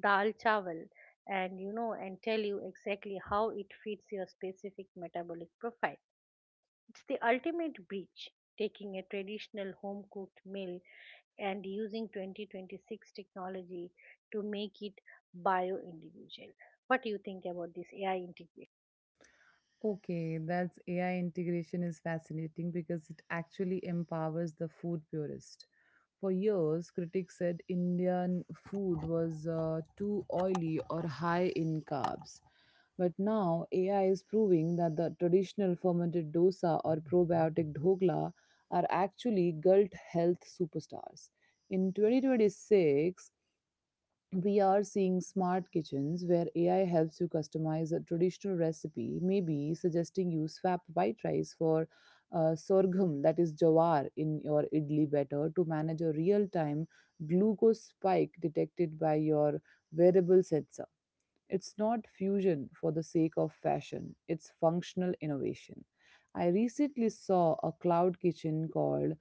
dal chawal and and tell you exactly how it fits your specific metabolic profile. It's the ultimate breach, taking a traditional home cooked meal and using 2026 technology to make it bio individual. What do you think about this AI integration? Okay, that's AI integration is fascinating because it actually empowers the food purist. For years, critics said Indian food was too oily or high in carbs. But now, AI is proving that the traditional fermented dosa or probiotic dhokla are actually gut health superstars. In 2026, we are seeing smart kitchens where AI helps you customize a traditional recipe, maybe suggesting you swap white rice for sorghum, that is jawar, in your idli batter to manage a real time glucose spike detected by your wearable sensor. It's not fusion for the sake of fashion, it's functional innovation. I recently saw a cloud kitchen called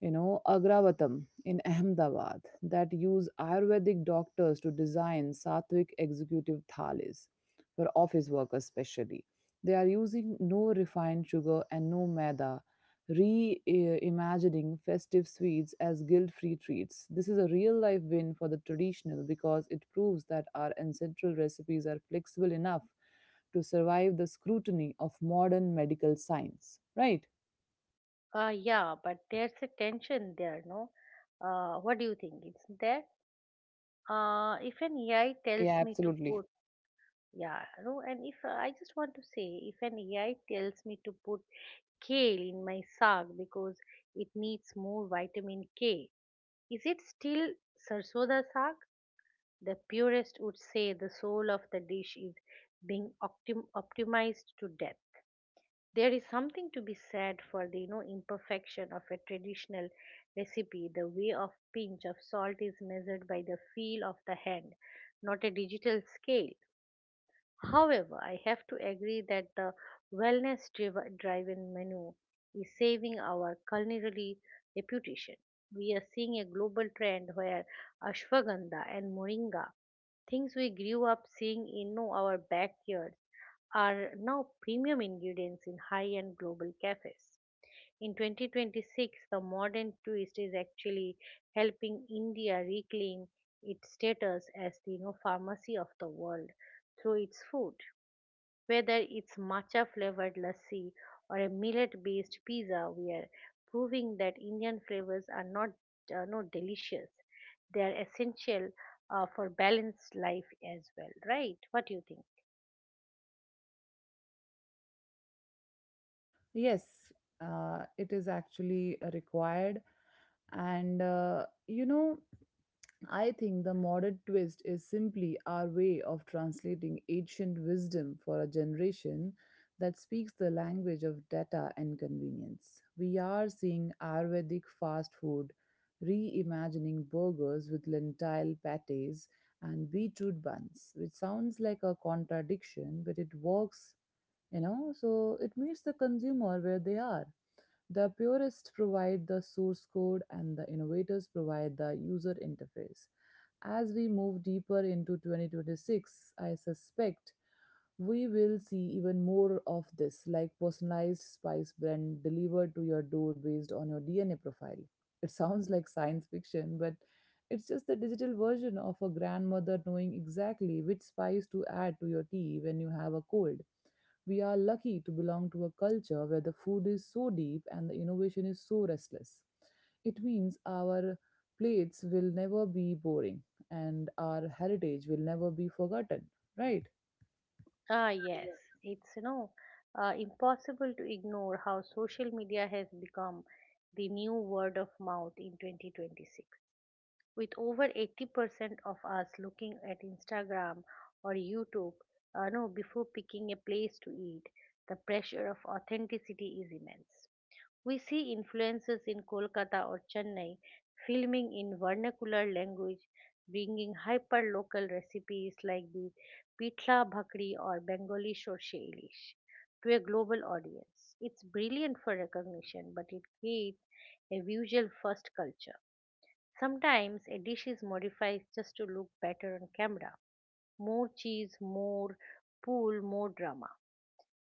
Agravatam in Ahmedabad that use Ayurvedic doctors to design sattvic executive thalis for office workers especially. They are using no refined sugar and no maida, reimagining festive sweets as guilt-free treats. This is a real-life win for the traditional because it proves that our ancestral recipes are flexible enough to survive the scrutiny of modern medical science, right? Yeah, but there's a tension there, no? What do you think? It's there. If an AI Yeah, tells me to absolutely. put, yeah, no, and if I just want to say, if an AI tells me to put kale in my saag because it needs more vitamin K, is it still sarsoda saag? The purist would say the soul of the dish is being optimized to death. There is something to be said for the imperfection of a traditional recipe. The way of pinch of salt is measured by the feel of the hand, not a digital scale. However, I have to agree that the wellness driven menu is saving our culinary reputation. We are seeing a global trend where ashwagandha and moringa, things we grew up seeing in no, our backyards, are now premium ingredients in high end global cafes. In 2026, the modern twist is actually helping India reclaim its status as the pharmacy of the world through its food. Whether it's matcha flavored lassi or a millet based pizza, we are proving that Indian flavors are not, not delicious. They are essential for balanced life as well, right? What do you think? Yes, it is actually required, and you know. I think the modern twist is simply our way of translating ancient wisdom for a generation that speaks the language of data and convenience. We are seeing Ayurvedic fast food, reimagining burgers with lentil patties and beetroot buns, which sounds like a contradiction, but it works, so it meets the consumer where they are. The purists provide the source code and the innovators provide the user interface. As we move deeper into 2026, I suspect we will see even more of this, like personalized spice blend delivered to your door based on your DNA profile. It sounds like science fiction, but it's just the digital version of a grandmother knowing exactly which spice to add to your tea when you have a cold. We are lucky to belong to a culture where the food is so deep and the innovation is so restless. It means our plates will never be boring and our heritage will never be forgotten, right? Ah, yes. It's, impossible to ignore how social media has become the new word of mouth in 2026. With over 80% of us looking at Instagram or YouTube, no, before picking a place to eat, the pressure of authenticity is immense. We see influences in Kolkata or Chennai, filming in vernacular language, bringing hyper-local recipes like the pitla bhakri or Bengali sorshe ilish to a global audience. It's brilliant for recognition, but it creates a visual first culture. Sometimes a dish is modified just to look better on camera. More cheese, more pool, more drama.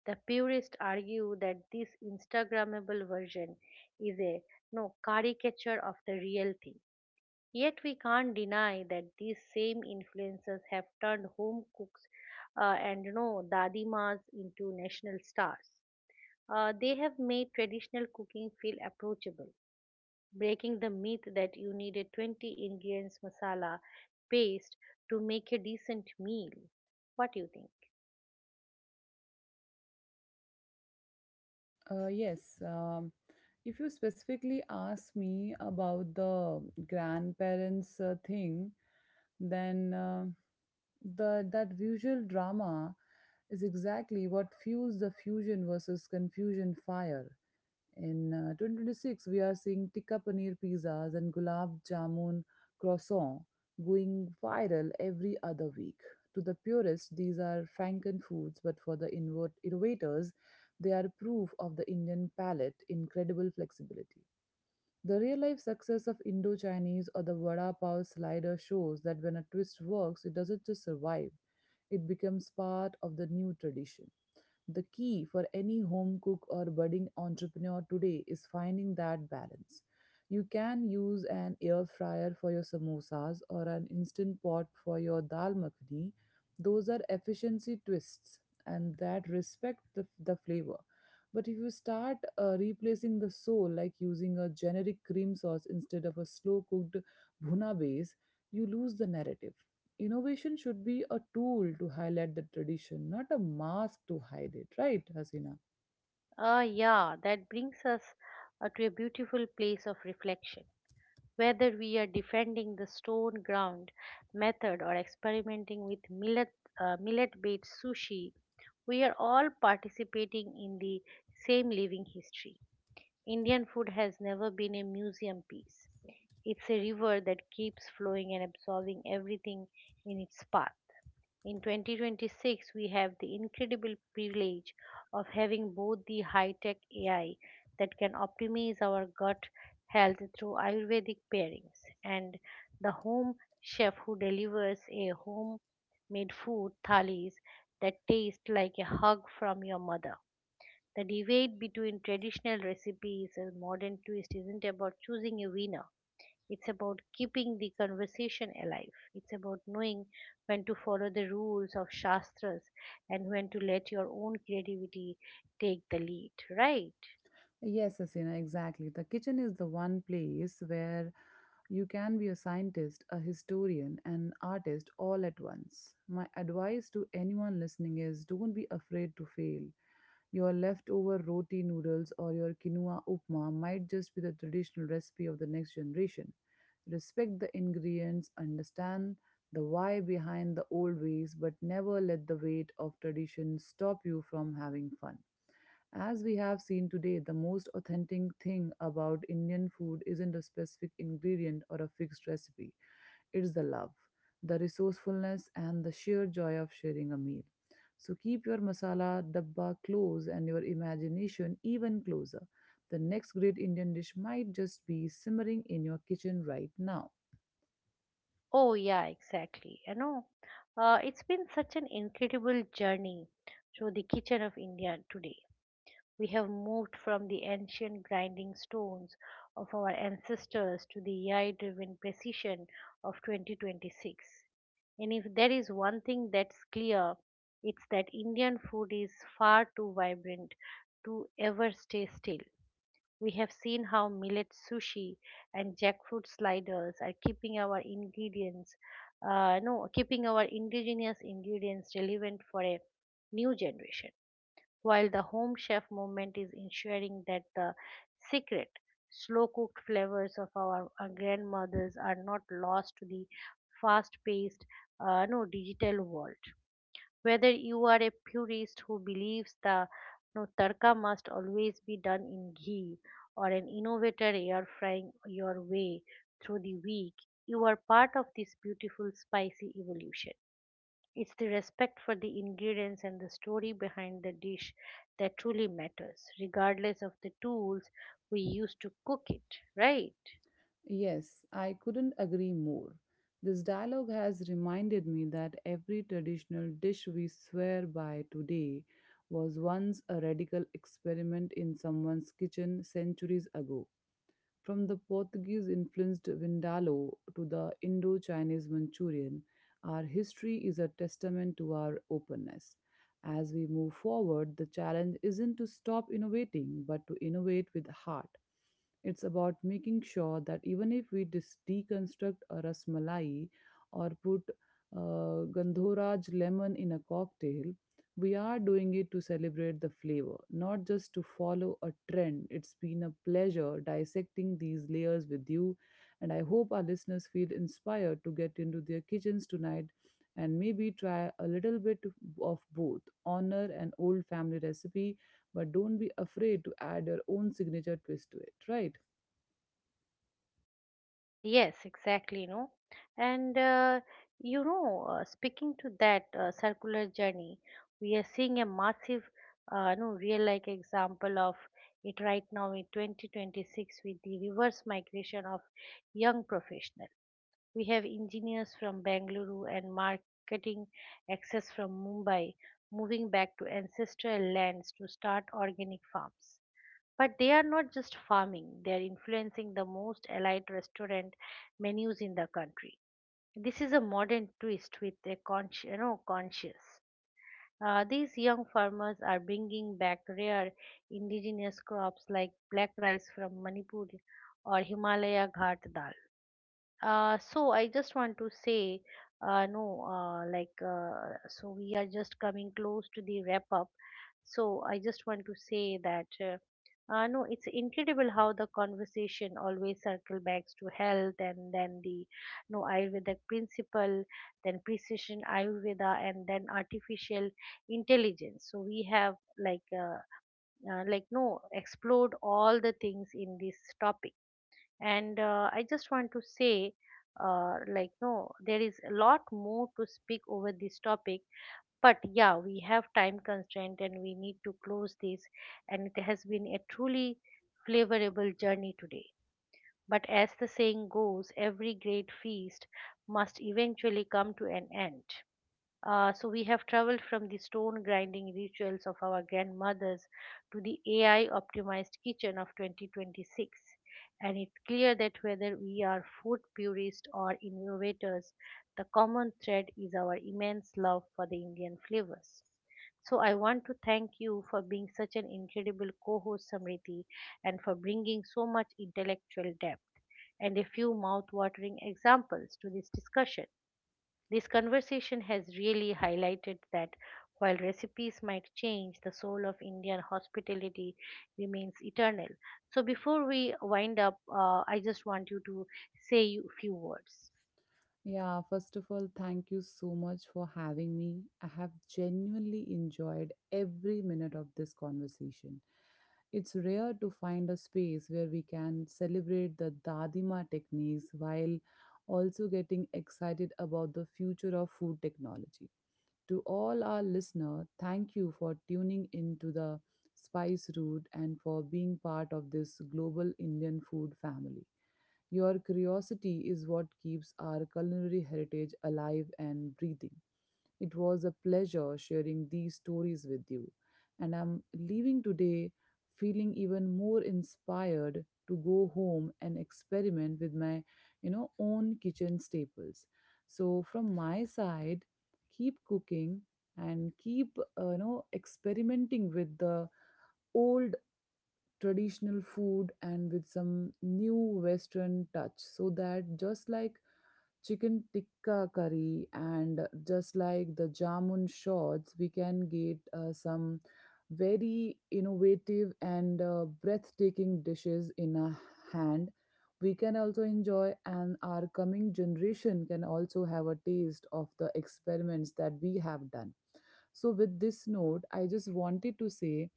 The purists argue that this Instagrammable version is a no caricature of the real thing. Yet we can't deny that these same influences have turned home cooks and no dadimas into national stars. They have made traditional cooking feel approachable, breaking the myth that you need a 20 ingredients masala paste to make a decent meal. What do you think? Yes. If you specifically ask me about the grandparents thing, then the that visual drama is exactly what fuels the fusion versus confusion fire. In 2026, we are seeing tikka paneer pizzas and gulab jamun croissant going viral every other week. To the purists, these are Franken foods, but for the innovators, they are proof of the Indian palate incredible flexibility. The real life success of Indo Chinese or the vada pav slider shows that when a twist works, it doesn't just survive, it becomes part of the new tradition. The key for any home cook or budding entrepreneur today is finding that balance. You can use an air fryer for your samosas or an instant pot for your dal makhani. Those are efficiency twists and that respect the flavor. But if you start replacing the soul, like using a generic cream sauce instead of a slow cooked bhuna base, you lose the narrative. Innovation should be a tool to highlight the tradition, not a mask to hide it, right, Hasina? Ah, yeah, that brings us to a beautiful place of reflection. Whether we are defending the stone ground method or experimenting with millet millet based sushi, we are all participating in the same living history. Indian food has never been a museum piece. It's a river that keeps flowing and absorbing everything in its path. In 2026, we have the incredible privilege of having both the high tech AI that can optimize our gut health through Ayurvedic pairings and the home chef who delivers a homemade food thalis that taste like a hug from your mother. The debate between traditional recipes and modern twist isn't about choosing a winner. It's about keeping the conversation alive. It's about knowing when to follow the rules of Shastras and when to let your own creativity take the lead, right? Yes, Asina, exactly. The kitchen is the one place where you can be a scientist, a historian, an artist all at once. My advice to anyone listening is don't be afraid to fail. Your leftover roti noodles or your quinoa upma might just be the traditional recipe of the next generation. Respect the ingredients, understand the why behind the old ways, but never let the weight of tradition stop you from having fun. As we have seen today, the most authentic thing about Indian food isn't a specific ingredient or a fixed recipe. It's the love, the resourcefulness, and the sheer joy of sharing a meal. So keep your masala dabba close and your imagination even closer. The next great Indian dish might just be simmering in your kitchen right now. Oh, yeah, exactly. It's been such an incredible journey through the kitchen of India today. We have moved from the ancient grinding stones of our ancestors to the AI driven precision of 2026. And if there is one thing that's clear, it's that Indian food is far too vibrant to ever stay still. We have seen how millet sushi and jackfruit sliders are keeping our ingredients, no, keeping our indigenous ingredients relevant for a new generation while the home chef movement is ensuring that the secret, slow cooked flavors of our grandmothers are not lost to the fast paced, no, digital world. Whether you are a purist who believes the no, tarka must always be done in ghee or an innovator air frying your way through the week, you are part of this beautiful spicy evolution. It's the respect for the ingredients and the story behind the dish that truly matters, regardless of the tools we use to cook it, right? Yes, I couldn't agree more. This dialogue has reminded me that every traditional dish we swear by today was once a radical experiment in someone's kitchen centuries ago. From the Portuguese influenced Vindaloo to the Indo Chinese Manchurian, our history is a testament to our openness. As we move forward, the challenge isn't to stop innovating, but to innovate with heart. It's about making sure that even if we deconstruct a rasmalai or put Gandhoraj lemon in a cocktail, we are doing it to celebrate the flavor, not just to follow a trend. It's been a pleasure dissecting these layers with you, and I hope our listeners feel inspired to get into their kitchens tonight and maybe try a little bit of both: honor an old family recipe, but don't be afraid to add your own signature twist to it, right? Yes, exactly, no. And uh, Speaking to that circular journey, we are seeing a massive, no, real like example of it right now in 2026 with the reverse migration of young professionals. We have engineers from Bangalore and marketing access from Mumbai moving back to ancestral lands to start organic farms. But they are not just farming, they are influencing the most elite restaurant menus in the country. This is a modern twist with a conscious. These young farmers are bringing back rare indigenous crops like black rice from Manipur or Himalaya Ghat dal. So I just want to say, no, like, so we are just coming close to the wrap up. So I just want to say that, no, it's incredible how the conversation always circle back to health and then the, no, Ayurvedic principle, then precision Ayurveda and then artificial intelligence. So we have like, uh, like, no, explored all the things in this topic and I just want to say like no there is a lot more to speak over this topic, but yeah, we have time constraint and we need to close this. And it has been a truly flavorable journey today, but as the saying goes, every great feast must eventually come to an end. So we have traveled from the stone grinding rituals of our grandmothers to the AI optimized kitchen of 2026. And it's clear that whether we are food purists or innovators, the common thread is our immense love for the Indian flavors. So I want to thank you for being such an incredible co-host, Samriti, and for bringing so much intellectual depth and a few mouth-watering examples to this discussion. This conversation has really highlighted that while recipes might change, the soul of Indian hospitality remains eternal. So, before we wind up, I just want you to say a few words. Yeah, first of all, thank you so much for having me. I have genuinely enjoyed every minute of this conversation. It's rare to find a space where we can celebrate the Dadima techniques while also getting excited about the future of food technology. To all our listeners, thank you for tuning in to the Spice Route and for being part of this global Indian food family. Your curiosity is what keeps our culinary heritage alive and breathing. It was a pleasure sharing these stories with you, and I'm leaving today feeling even more inspired to go home and experiment with my own kitchen staples. So from my side, keep cooking and keep, experimenting with the old traditional food and with some new western touch so that, just like chicken tikka curry and just like the jamun shots, we can get some very innovative and breathtaking dishes in a hand, we can also enjoy and our coming generation can also have a taste of the experiments that we have done. So with this note, I just wanted to say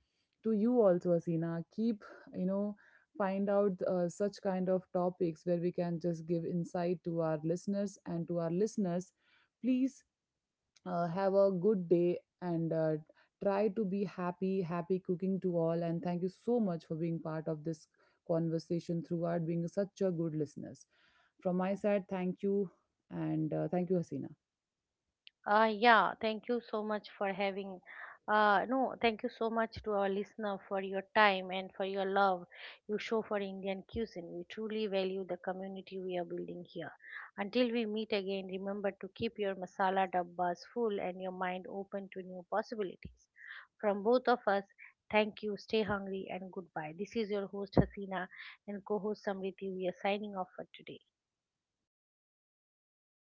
to you also, Asina, keep, you know find out such kind of topics where we can just give insight to our listeners and to our listeners. Please have a good day and try to be happy. Happy cooking to all, and thank you so much for being part of this conversation throughout, being such a good listeners. From my side, thank you, and thank you, Hasina. Yeah, thank you so much for having. No, Thank you so much to our listener for your time and for your love you show for Indian cuisine. We truly value the community we are building here. Until we meet again, remember to keep your masala dabbas full and your mind open to new possibilities. From both of us, thank you, stay hungry, and goodbye. This is your host Hasina and co host Samriti. We are signing off for today.